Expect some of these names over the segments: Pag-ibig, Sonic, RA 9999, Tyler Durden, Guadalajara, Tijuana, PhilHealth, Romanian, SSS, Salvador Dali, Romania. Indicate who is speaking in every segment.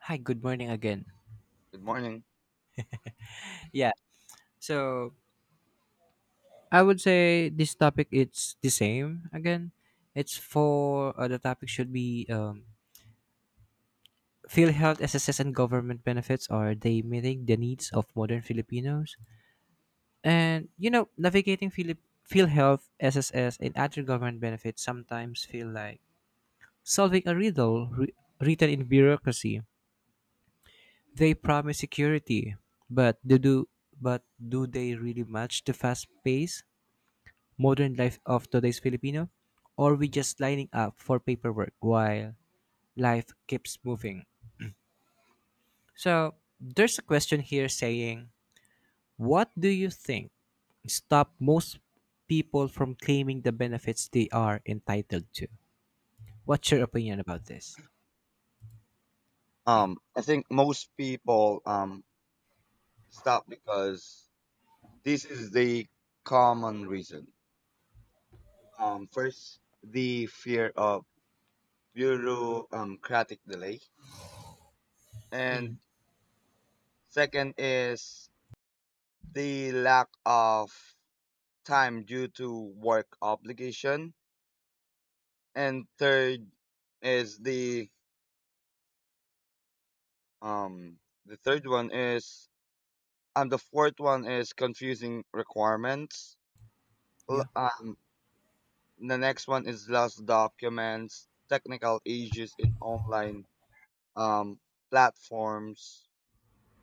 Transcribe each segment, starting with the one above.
Speaker 1: Hi, good morning again.
Speaker 2: Good morning.
Speaker 1: Yeah. So I would say this topic it's the same again. It's for the topic should be field health SSS and government benefits, are they meeting the needs of modern Filipinos? And you know, navigating Philip field health SSS and other government benefits sometimes feel like solving a riddle written in bureaucracy. They promise security, but do they really match the fast pace, modern life of today's Filipino, or we just lining up for paperwork while life keeps moving? So there's a question here saying, what do you think stop most people from claiming the benefits they are entitled to? What's your opinion about this?
Speaker 2: I think most people stop because this is the common reason. First, the fear of bureaucratic delay, and second is the lack of time due to work obligation, and third is um the third one is and the fourth one is confusing requirements. L-
Speaker 1: Yeah,
Speaker 2: Um, the next one is lost documents, technical issues in online um, platforms,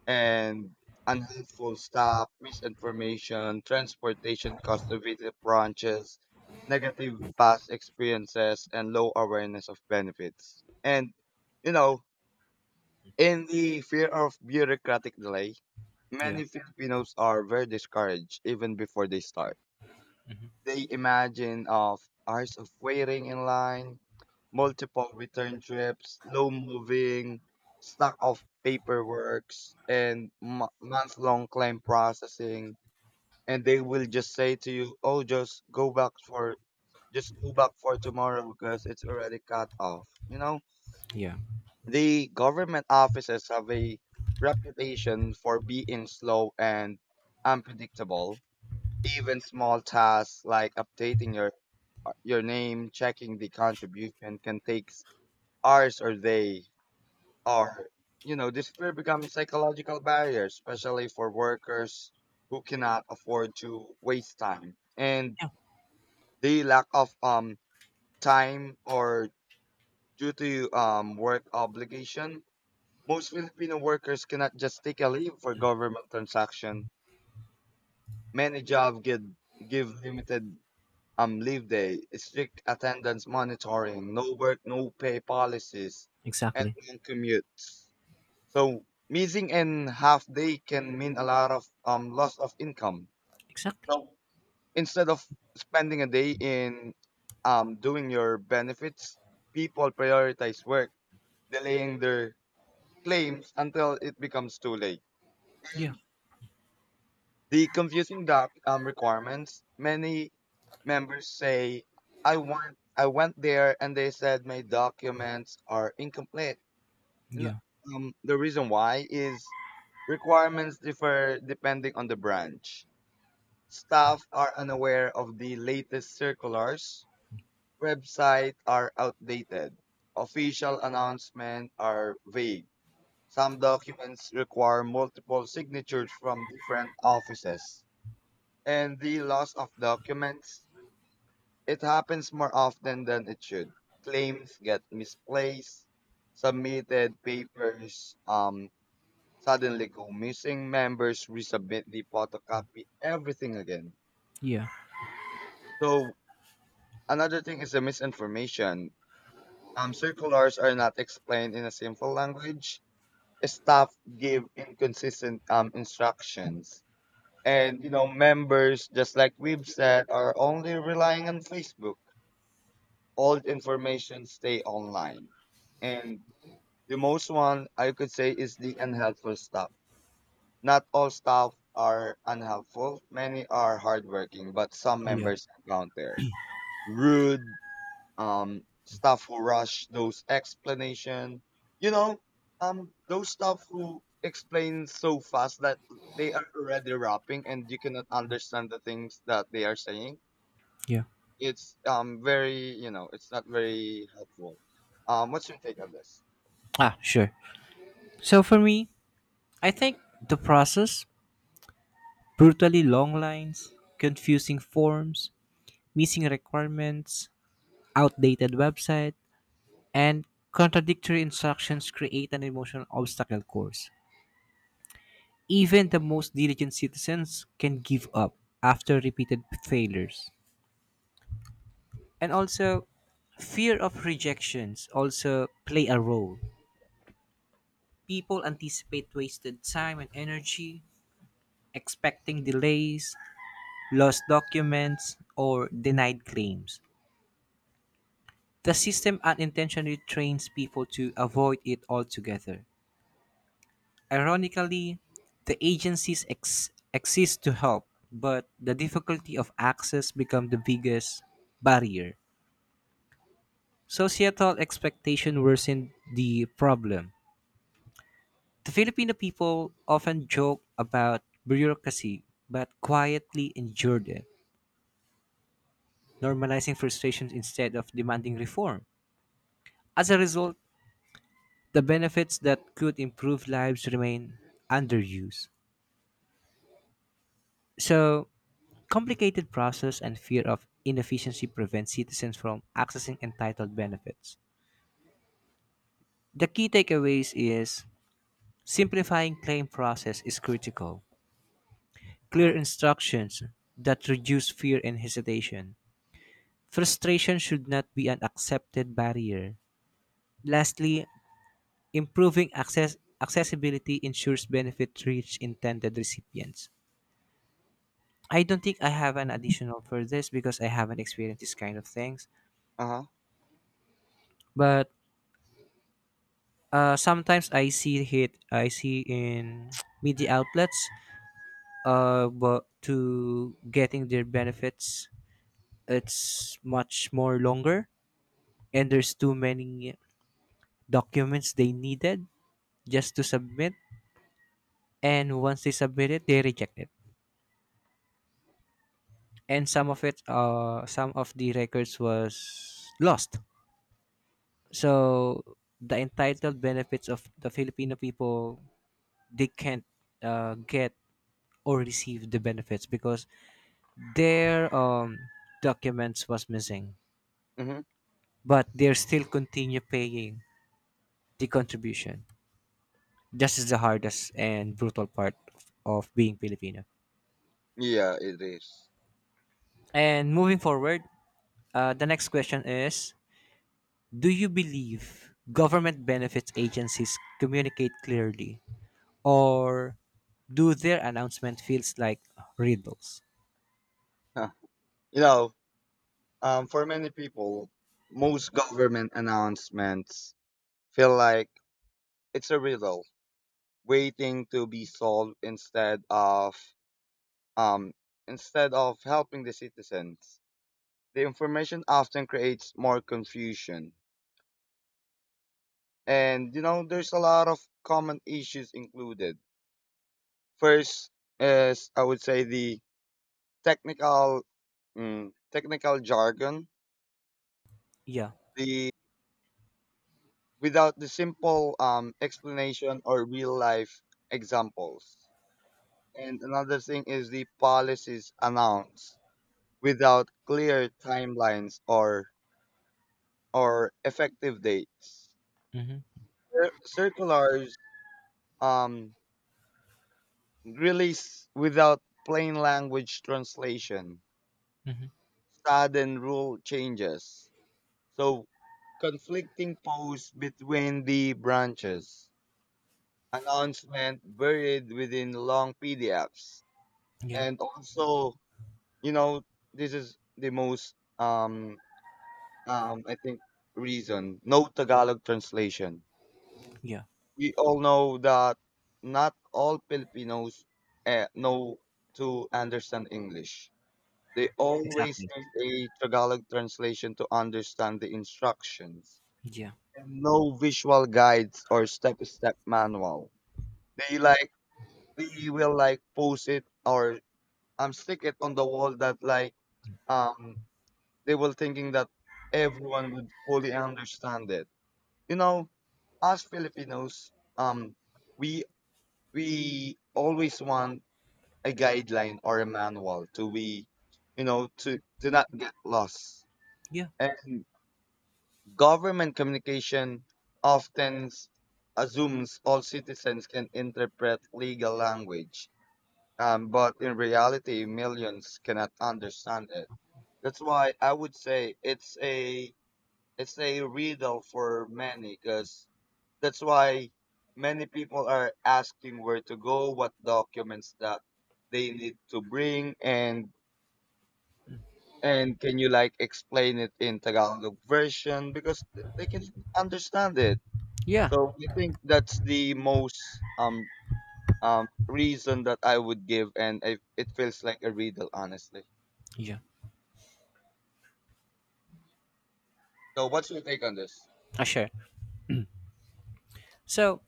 Speaker 2: and unhelpful staff, misinformation, transportation costs to visit branches, negative past experiences, and low awareness of benefits. And, you know, in the fear of bureaucratic delay,
Speaker 1: yeah,
Speaker 2: many Filipinos are very discouraged even before they start. They imagine of hours of waiting in line, multiple return trips, slow moving, stack of paperworks, and month long claim processing. And they will just say to you, "Oh, just go back for tomorrow because it's already cut off."
Speaker 1: yeah,
Speaker 2: The government offices have a reputation for being slow and unpredictable. Even small tasks like updating your name, checking the contribution can take hours or days. Or, this fear becomes psychological barrier, especially for workers who cannot afford to waste time. And
Speaker 1: yeah.
Speaker 2: the lack of time or due to work obligation, most Filipino workers cannot just take a leave for government transaction. Many jobs get give limited leave day, strict attendance monitoring, no work, no pay policies, and
Speaker 1: Exactly,
Speaker 2: long commutes. So missing an half day can mean a lot of loss of income.
Speaker 1: exactly.
Speaker 2: So instead of spending a day in, doing your benefits, people prioritize work, delaying their claims until it becomes too late.
Speaker 1: Yeah,
Speaker 2: The confusing doc requirements, many members say, I went there and they said my documents are incomplete." You know,
Speaker 1: yeah,
Speaker 2: the reason why is: requirements differ depending on the branch. Staff are unaware of the latest circulars. Websites are outdated. Official announcements are vague. Some documents require multiple signatures from different offices. And the loss of documents, it happens more often than it should. Claims get misplaced. Submitted papers, suddenly go missing. Members resubmit the photocopy everything again.
Speaker 1: yeah,
Speaker 2: So another thing is the misinformation. Circulars are not explained in a simple language. Staff give inconsistent instructions. And, members, just like we've said, are only relying on Facebook. Old information stay online. And the most one I could say is the unhelpful stuff. Not all staff are unhelpful. Many are hardworking, but some
Speaker 1: yeah,
Speaker 2: members encounter rude, staff who rush those explanation. You know, those staff who explain so fast that they are already rapping and you cannot understand the things that they are saying.
Speaker 1: yeah.
Speaker 2: It's not very helpful. What's your take on this?
Speaker 1: Ah, sure. So for me, I think the process, brutally long lines, confusing forms, missing requirements, outdated website, and contradictory instructions create an emotional obstacle course. Even the most diligent citizens can give up after repeated failures. And also, fear of rejections also play a role. People anticipate wasted time and energy, expecting delays, lost documents, or denied claims. The system unintentionally trains people to avoid it altogether. Ironically, the agencies exist to help, but the difficulty of access becomes the biggest barrier. Societal expectation worsened the problem. The Filipino people often joke about bureaucracy, but quietly endured it, normalizing frustrations instead of demanding reform. As a result, the benefits that could improve lives remain underused. So, complicated process and fear of inefficiency prevent citizens from accessing entitled benefits. The key takeaways is simplifying claim process is critical.
Speaker 2: Uh
Speaker 1: Clear
Speaker 2: huh.
Speaker 1: instructions that reduce fear and hesitation. Frustration should not be an accepted barrier. Lastly, improving access, accessibility ensures benefit reach intended recipients. I don't think I have an additional for this because I haven't experienced this kind of things,
Speaker 2: Uh huh.
Speaker 1: but sometimes I see it. I see in media outlets. But to getting their benefits, it's much more longer, and there's too many documents they needed just to submit. And once they submit it, they reject it, and some of it, some of the records was lost. So the entitled benefits of the Filipino people, they can't get or receive the benefits because their documents was missing,
Speaker 2: Mm-hmm.
Speaker 1: but they still continue paying the contribution. This is the hardest and brutal part of being Filipino.
Speaker 2: Yeah, it is.
Speaker 1: And moving forward, the next question is: do you believe government benefits agencies communicate clearly, or do their announcement feels like riddles?
Speaker 2: Huh. You know, for many people, most government announcements feel like it's a riddle waiting to be solved, um, instead of helping the citizens. The information often creates more confusion, and there's a lot of common issues included. First is I would say the technical technical jargon,
Speaker 1: Yeah.
Speaker 2: the without the simple explanation or real life examples. And another thing is the policies announced without clear timelines or effective dates.
Speaker 1: Mm-hmm.
Speaker 2: Circulars um, release without plain language translation,
Speaker 1: Mm-hmm.
Speaker 2: sudden rule changes. So conflicting posts between the branches, announcement buried within long PDFs,
Speaker 1: Yeah.
Speaker 2: and also, you know this is the most, I think, reason: no Tagalog translation.
Speaker 1: Yeah.
Speaker 2: We all know that not all Filipinos know to understand English. They always
Speaker 1: Exactly.
Speaker 2: need a Tagalog translation to understand the instructions,
Speaker 1: Yeah.
Speaker 2: and no visual guides or step by step manual. they like they will like post it or stick it on the wall that like, um they were thinking that everyone would fully understand it. You know, as Filipinos, we we always want a guideline or a manual to be, to not get lost.
Speaker 1: Yeah.
Speaker 2: And government communication often assumes all citizens can interpret legal language, but in reality, millions cannot understand it. That's why I would say it's a riddle for many, because that's why many people are asking where to go, what documents that they need to bring, and can you like explain it in Tagalog version because they can understand it.
Speaker 1: Yeah.
Speaker 2: So I think that's the most reason that I would give, it feels like a riddle, honestly.
Speaker 1: Yeah.
Speaker 2: So what's your take on this?
Speaker 1: Sure. So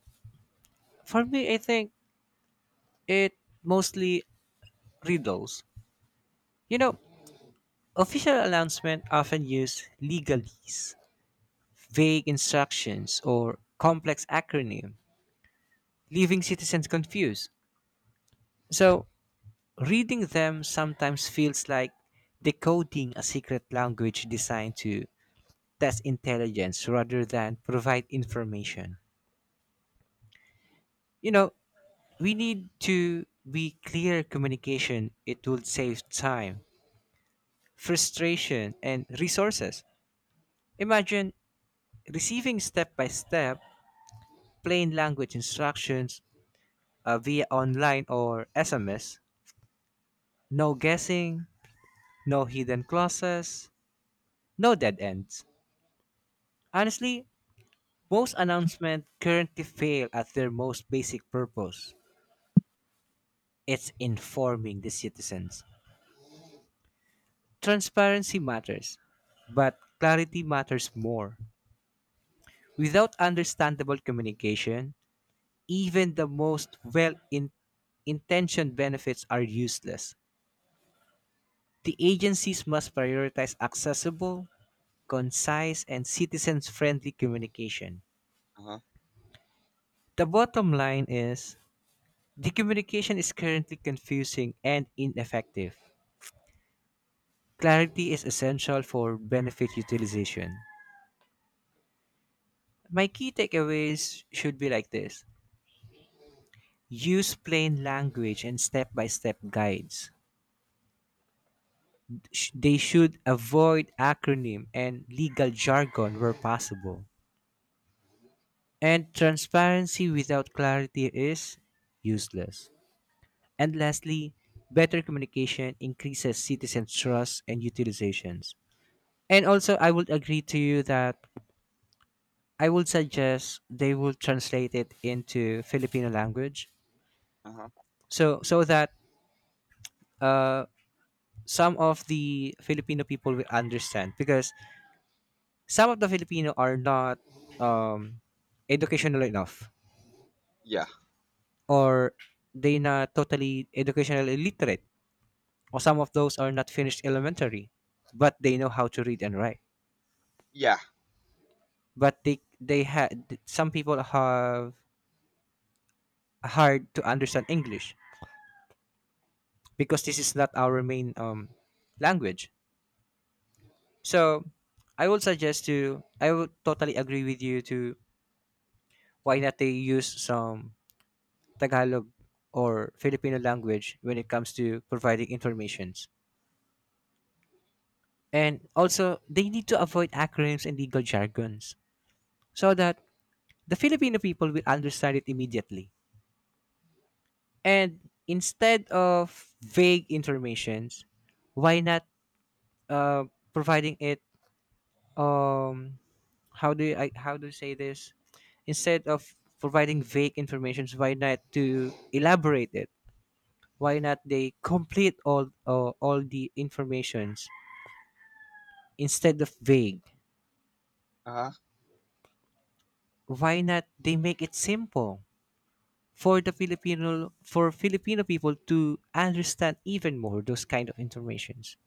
Speaker 1: for me, I think it mostly riddles. You know, official announcements often use legalese, vague instructions, or complex acronym, leaving citizens confused. So, reading them sometimes feels like decoding a secret language designed to test intelligence rather than provide information. You know, we need to be clear communication. It will save time, frustration, and resources. Imagine receiving step by step plain language instructions via online or SMS. No guessing, no hidden clauses, no dead ends. Honestly, most announcements currently fail at their most basic purpose: it's informing the citizens. Transparency matters, but clarity matters more. Without understandable communication, even the most well intentioned benefits are useless. The agencies must prioritize accessible, concise, and citizens friendly communication.
Speaker 2: Uh huh.
Speaker 1: The bottom line is the communication is currently confusing and ineffective. Clarity is essential for benefit utilization. My key takeaways should be like this: use plain language and step by step guides. They should avoid acronym and legal jargon where possible. And transparency without clarity is useless. And lastly, better communication increases citizen trust and utilizations. And also, I would agree to you that I would suggest they will translate it into Filipino language,
Speaker 2: Uh huh.
Speaker 1: so so that uh, some of the Filipino people will understand. Because some of the Filipino are not um, educational enough,
Speaker 2: Yeah.
Speaker 1: or they not totally educational illiterate, or some of those are not finished elementary, but they know how to read and write.
Speaker 2: Yeah.
Speaker 1: But they had some people have hard to understand English because this is not our main language. So I would suggest to, I would totally agree with you to, why not they use some Tagalog or Filipino language when it comes to providing informations. And also they need to avoid acronyms and legal jargons so that the Filipino people will understand it immediately. And instead of vague informations, why not uh, providing it? Um, how do you, I how do you say this? Instead of providing vague informations, why not to elaborate it? Why not they complete all the informations instead of vague?
Speaker 2: Uh huh.
Speaker 1: Why not they make it simple for the Filipino, for Filipino people to understand even more those kind of informations?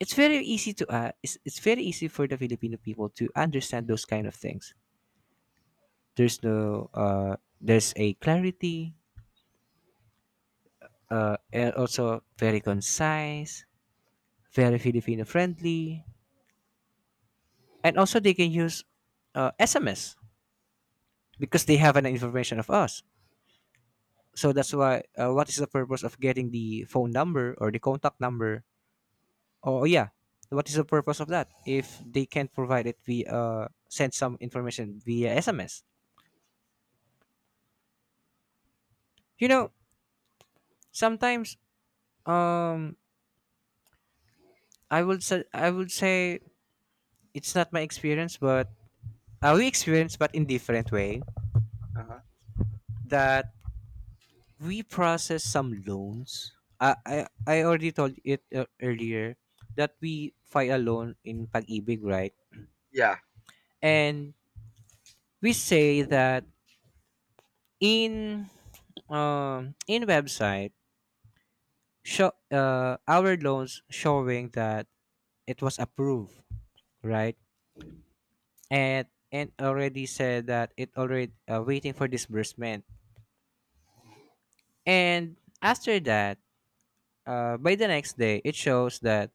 Speaker 1: It's very easy to it's very easy for the Filipino people to understand those kind of things. There's no there's a clarity, and also very concise, very Filipino friendly, and also they can use SMS because they have an information of us. So that's why what is the purpose of getting the phone number or the contact number? Oh yeah, what is the purpose of that if they can't provide it via send some information via SMS? You know, sometimes, Um, I would say, I would say it's not my experience, but we experience, but in different way
Speaker 2: Uh huh.
Speaker 1: that we process some loans. I I, I already told it earlier that we file a loan in Pag-ibig, right?
Speaker 2: Yeah.
Speaker 1: And we say that in in website show our loans showing that it was approved, right? And already said that it already waiting for disbursement. And after that, by the next day, it shows that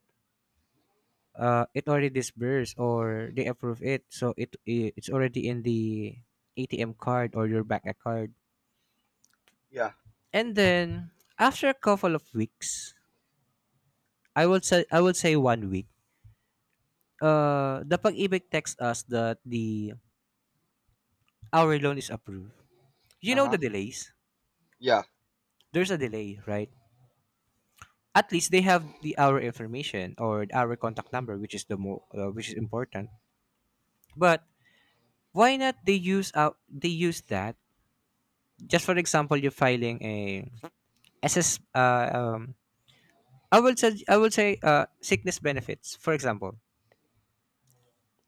Speaker 1: it already disbursed or they approve it. So it it's already in the ATM card or your bank card.
Speaker 2: Yeah.
Speaker 1: And then after a couple of weeks, I will say 1 week. The pag-ibig texts us that the, our loan is approved. You
Speaker 2: Uh
Speaker 1: know the
Speaker 2: huh.
Speaker 1: delays.
Speaker 2: Yeah.
Speaker 1: There's a delay, right? At least they have the our information or our contact number, which is the more which is important. But why not they use out, they use that, just for example you're filing a ss I will say sickness benefits, for example,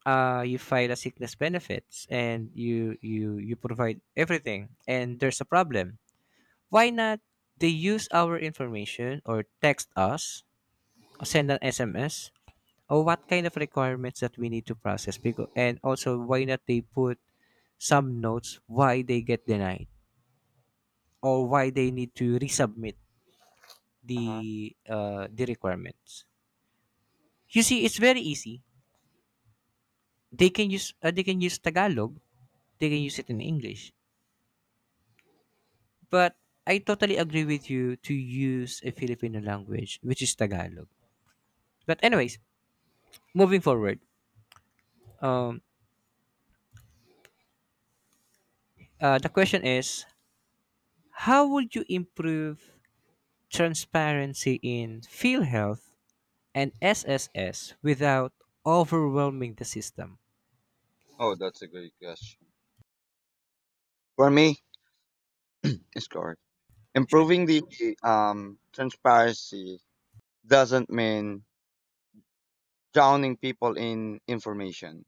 Speaker 1: you file a sickness benefits and you provide everything and there's a problem, why not they use our information or text us or send an SMS, or what kind of requirements that we need to process? Because, and also, why not they put some notes why they get denied or why they need to resubmit
Speaker 2: Uh-huh.
Speaker 1: the requirements. You see, it's very easy. They can use Tagalog. They can use it in English. But I totally agree with you to use a Filipino language, which is Tagalog. But anyways, moving forward, um, the question is, how would you improve transparency in PhilHealth and SSS without overwhelming the system?
Speaker 2: Oh, that's a great question. For me, it's correct.
Speaker 1: Sure,
Speaker 2: Improving the transparency doesn't mean drowning people in information.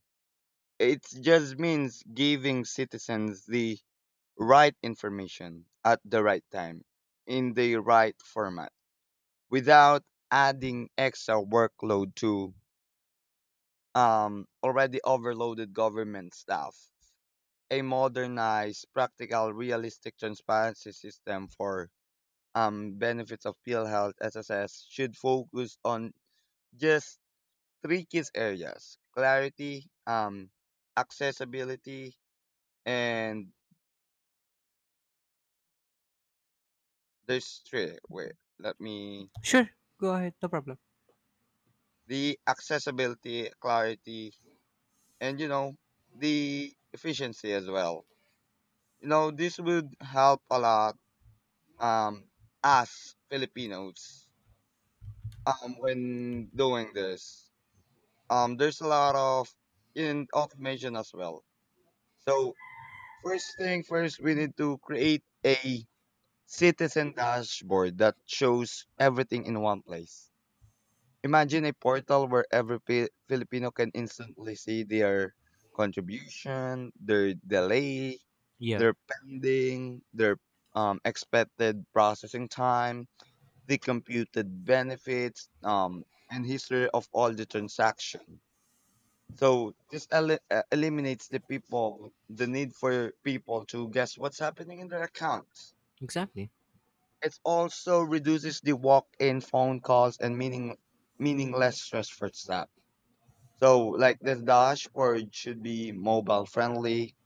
Speaker 2: It just means giving citizens the right information at the right time in the right format without adding extra workload to already overloaded government staff. A modernized, practical, realistic transparency system for benefits of PhilHealth SSS should focus on just three key areas: clarity, accessibility, and there's three. Wait, let me.
Speaker 1: sure, go ahead, no problem.
Speaker 2: The accessibility, clarity, and, the efficiency as well. This would help a lot, um, us Filipinos, when doing this. There's a lot of in automation as well. So first thing first, we need to create a citizen dashboard that shows everything in one place. Imagine a portal where every Filipino can instantly see their contribution, their delay,
Speaker 1: Yeah.
Speaker 2: their pending, their expected processing time, the computed benefits, and history of all the transaction. So this eliminates the need for people to guess what's happening in their accounts.
Speaker 1: Exactly.
Speaker 2: It also reduces the walk-in phone calls and meaningless stress for staff. So like the dashboard should be mobile friendly,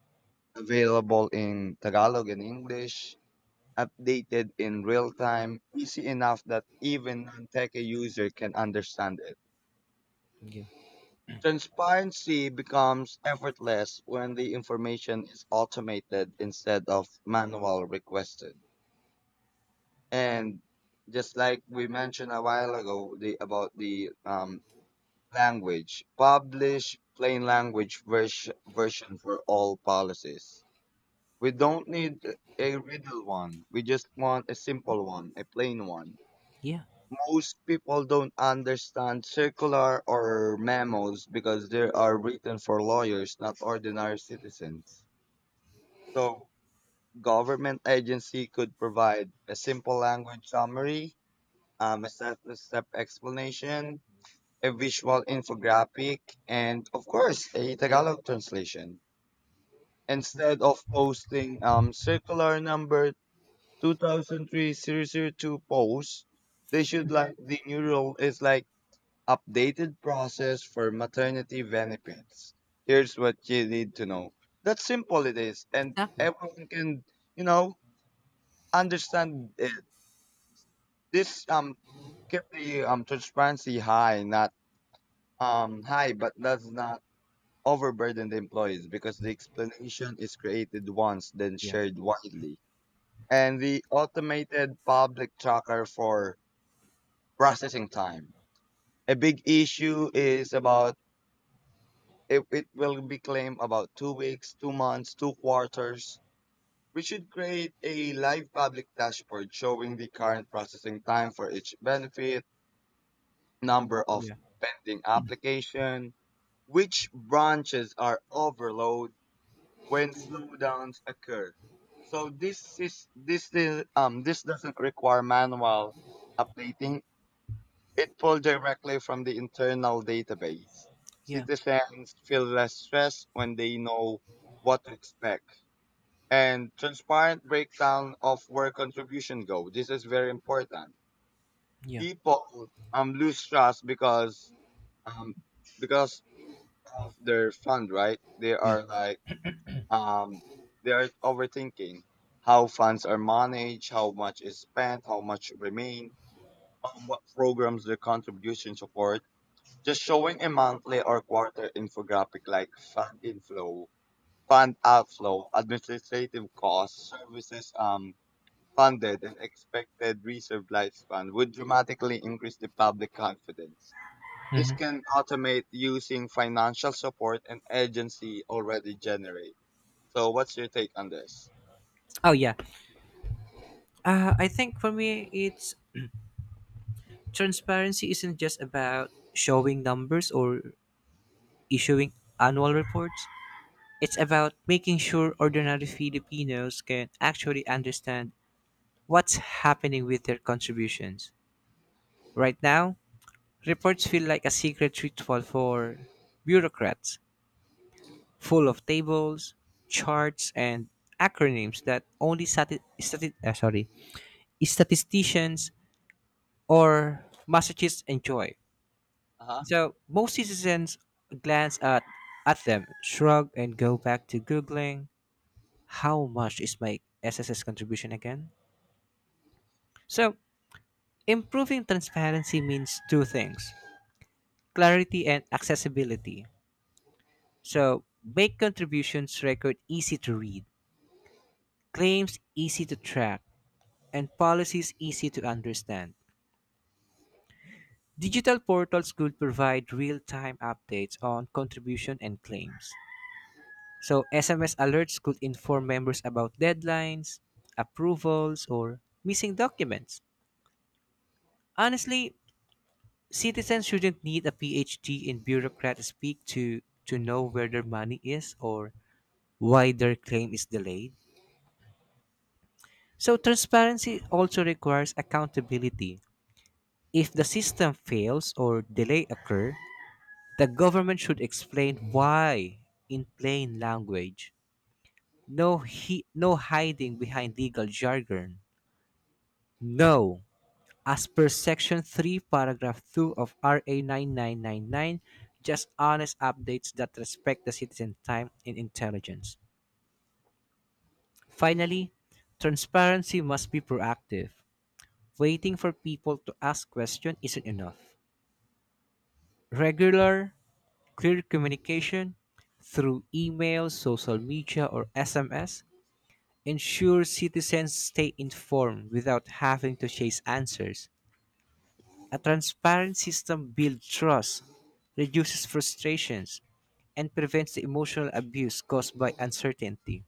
Speaker 2: available in Tagalog and English, updated in real time, easy enough that even non-tech user can understand it.
Speaker 1: Yeah.
Speaker 2: Transparency becomes effortless when the information is automated instead of manual requested. And just like we mentioned a while ago about the language, publish plain language version for all policies. We don't need a riddle one. We just want a simple one, a plain one.
Speaker 1: Yeah.
Speaker 2: Most people don't understand circular or memos because they are written for lawyers, not ordinary citizens. So, government agency could provide a simple language summary, a step-by-step explanation, a visual infographic, and of course, a Tagalog translation. Instead of posting circular number 2003 zero zero two 002 post, they should like the new rule is like, "Updated process for maternity benefits. Here's what you need to know." That's simple it is, and
Speaker 1: Exactly.
Speaker 2: everyone can, you know, understand it. This keep the transparency high, not high, but does not overburden the employees because the explanation is created once, then
Speaker 1: Yeah.
Speaker 2: shared widely. And the automated public tracker for processing time. A big issue is about, if it will be claimed about 2 weeks, 2 months, 2 quarters, we should create a live public dashboard showing the current processing time for each benefit, number of
Speaker 1: Yeah.
Speaker 2: pending application, which branches are overloaded when slowdowns occur. So this doesn't require manual updating. It pulled directly from the internal database.
Speaker 1: Yeah.
Speaker 2: Citizens feel less stressed when they know what to expect. And transparent breakdown of where contribution go. This is very important.
Speaker 1: Yeah.
Speaker 2: People lose trust um because of their fund, right?
Speaker 1: Yeah.
Speaker 2: Um they are overthinking how funds are managed, how much is spent, how much remain, what programs their contribution support. Just showing a monthly or quarter infographic like fund inflow, fund outflow, administrative costs, services funded, and expected reserve lifespan would dramatically increase the public confidence. This
Speaker 1: Mhm.
Speaker 2: can automate using financial support and agency already generate. So, what's your take on this?
Speaker 1: Oh yeah. I think for me, it's transparency isn't just about showing numbers or issuing annual reports. It's about making sure ordinary Filipinos can actually understand what's happening with their contributions. Right now, reports feel like a secret ritual for bureaucrats, full of tables, charts, and acronyms that only sorry, statisticians or masochists enjoy.
Speaker 2: Uh huh.
Speaker 1: So most citizens glance at them, shrug, and go back to Googling, how much is my SSS contribution again? So improving transparency means two things: clarity and accessibility. So make contributions record easy to read, claims easy to track, and policies easy to understand. Digital portals could provide real-time updates on contribution and claims. So SMS alerts could inform members about deadlines, approvals, or missing documents. Honestly, citizens shouldn't need a PhD in bureaucrat speak to know where their money is or why their claim is delayed. So transparency also requires accountability. If the system fails or delay occur, the government should explain why, in plain language. No, no hiding behind legal jargon. No. As per Section 3, Paragraph 2 of RA 9999, just honest updates that respect the citizen time and intelligence. Finally, transparency must be proactive. Waiting for people to ask questions isn't enough. Regular, clear communication through email, social media, or SMS ensure citizens stay informed without having to chase answers. A transparent system builds trust, reduces frustrations, and prevents the emotional abuse caused by uncertainty.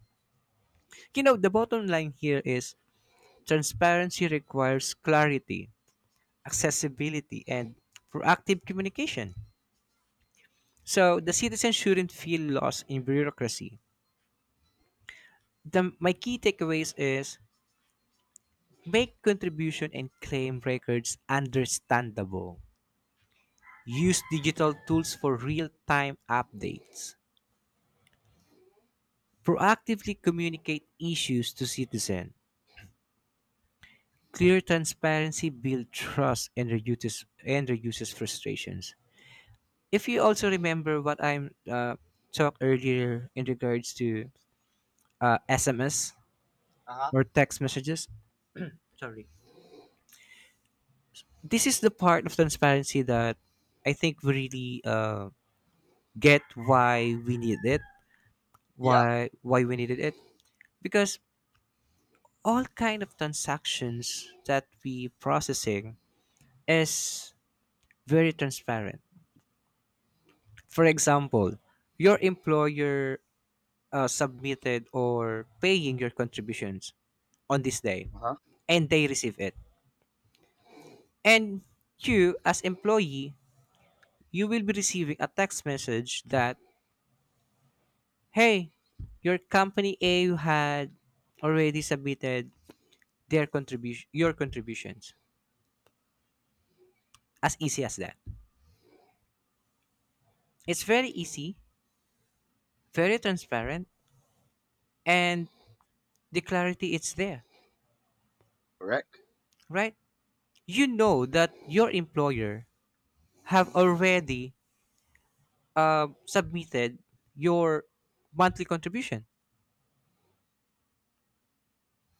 Speaker 1: You know, the bottom line here is transparency requires clarity, accessibility, and proactive communication. So the citizen shouldn't feel lost in bureaucracy. The, my key takeaways is: make contribution and claim records understandable. Use digital tools for real-time updates. Proactively communicate issues to citizens. Clear transparency builds trust and reduces, and reduces frustrations. If you also remember what I'm talked earlier in regards to SMS
Speaker 2: Uh huh.
Speaker 1: or text messages, sorry, this is the part of transparency that I think we really get why we need it,
Speaker 2: Yeah.
Speaker 1: why we needed it, because all kind of transactions that we processing is very transparent. For example, your employer submitted or paying your contributions on this day,
Speaker 2: Uh huh.
Speaker 1: and they receive it. And you as employee, you will be receiving a text message that, hey, your company A had already submitted their contribution, your contributions. As easy as that. It's very easy, very transparent, and the clarity it's there,
Speaker 2: Correct.
Speaker 1: right? You know that your employer have already submitted your monthly contribution.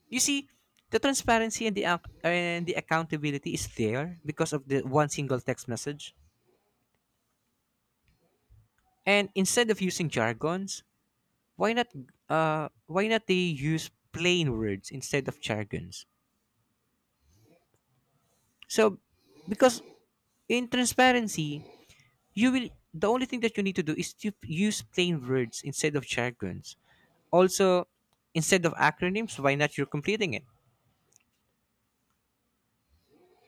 Speaker 1: You see, the transparency and the accountability is there because of the one single text message. And instead of using jargons, why not why not they use plain words instead of jargons. So, because in transparency, you will, the only thing that you need to do is to use plain words instead of jargons. Also, instead of acronyms, why not you're completing it?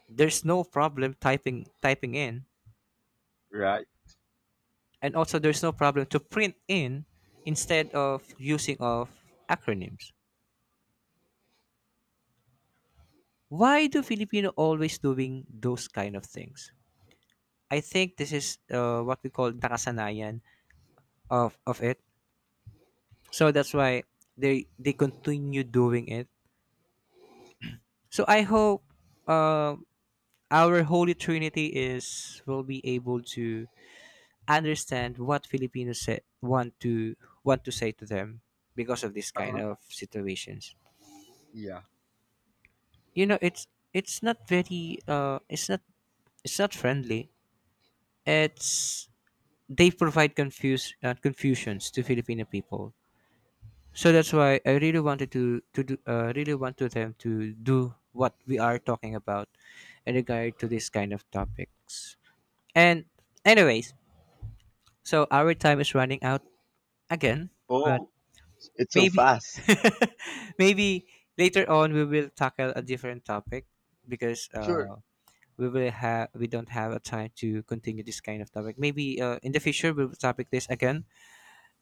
Speaker 1: There's no problem typing in,
Speaker 2: Right.
Speaker 1: and also there's no problem to print in instead of using of acronyms. Why do Filipino always doing those kind of things? I think this is what we call nakasanayan of it. So that's why they continue doing it. So I hope uh, our Holy Trinity is will be able to understand what Filipinos say, want to, say to them because of this
Speaker 2: Uh
Speaker 1: kind
Speaker 2: huh.
Speaker 1: of situations.
Speaker 2: Yeah.
Speaker 1: You know, it's not very it's not, it's not friendly. It's, they provide confuse confusions to Filipino people. So that's why I really wanted to do really want to them to do what we are talking about in regard to this kind of topics. And anyways, so our time is running out again, but
Speaker 2: Oh, it's so
Speaker 1: maybe
Speaker 2: fast.
Speaker 1: maybe later on we will tackle a different topic because
Speaker 2: Sure.
Speaker 1: we will have, we don't have a time to continue this kind of topic. Maybe in the future we will topic this again.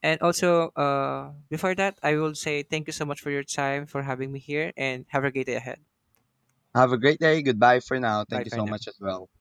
Speaker 1: And also before that, I will say thank you so much for your time for having me here and have a great day ahead.
Speaker 2: Have a great day. Goodbye for now.
Speaker 1: Bye
Speaker 2: Thank you
Speaker 1: for
Speaker 2: so
Speaker 1: now.
Speaker 2: much as well.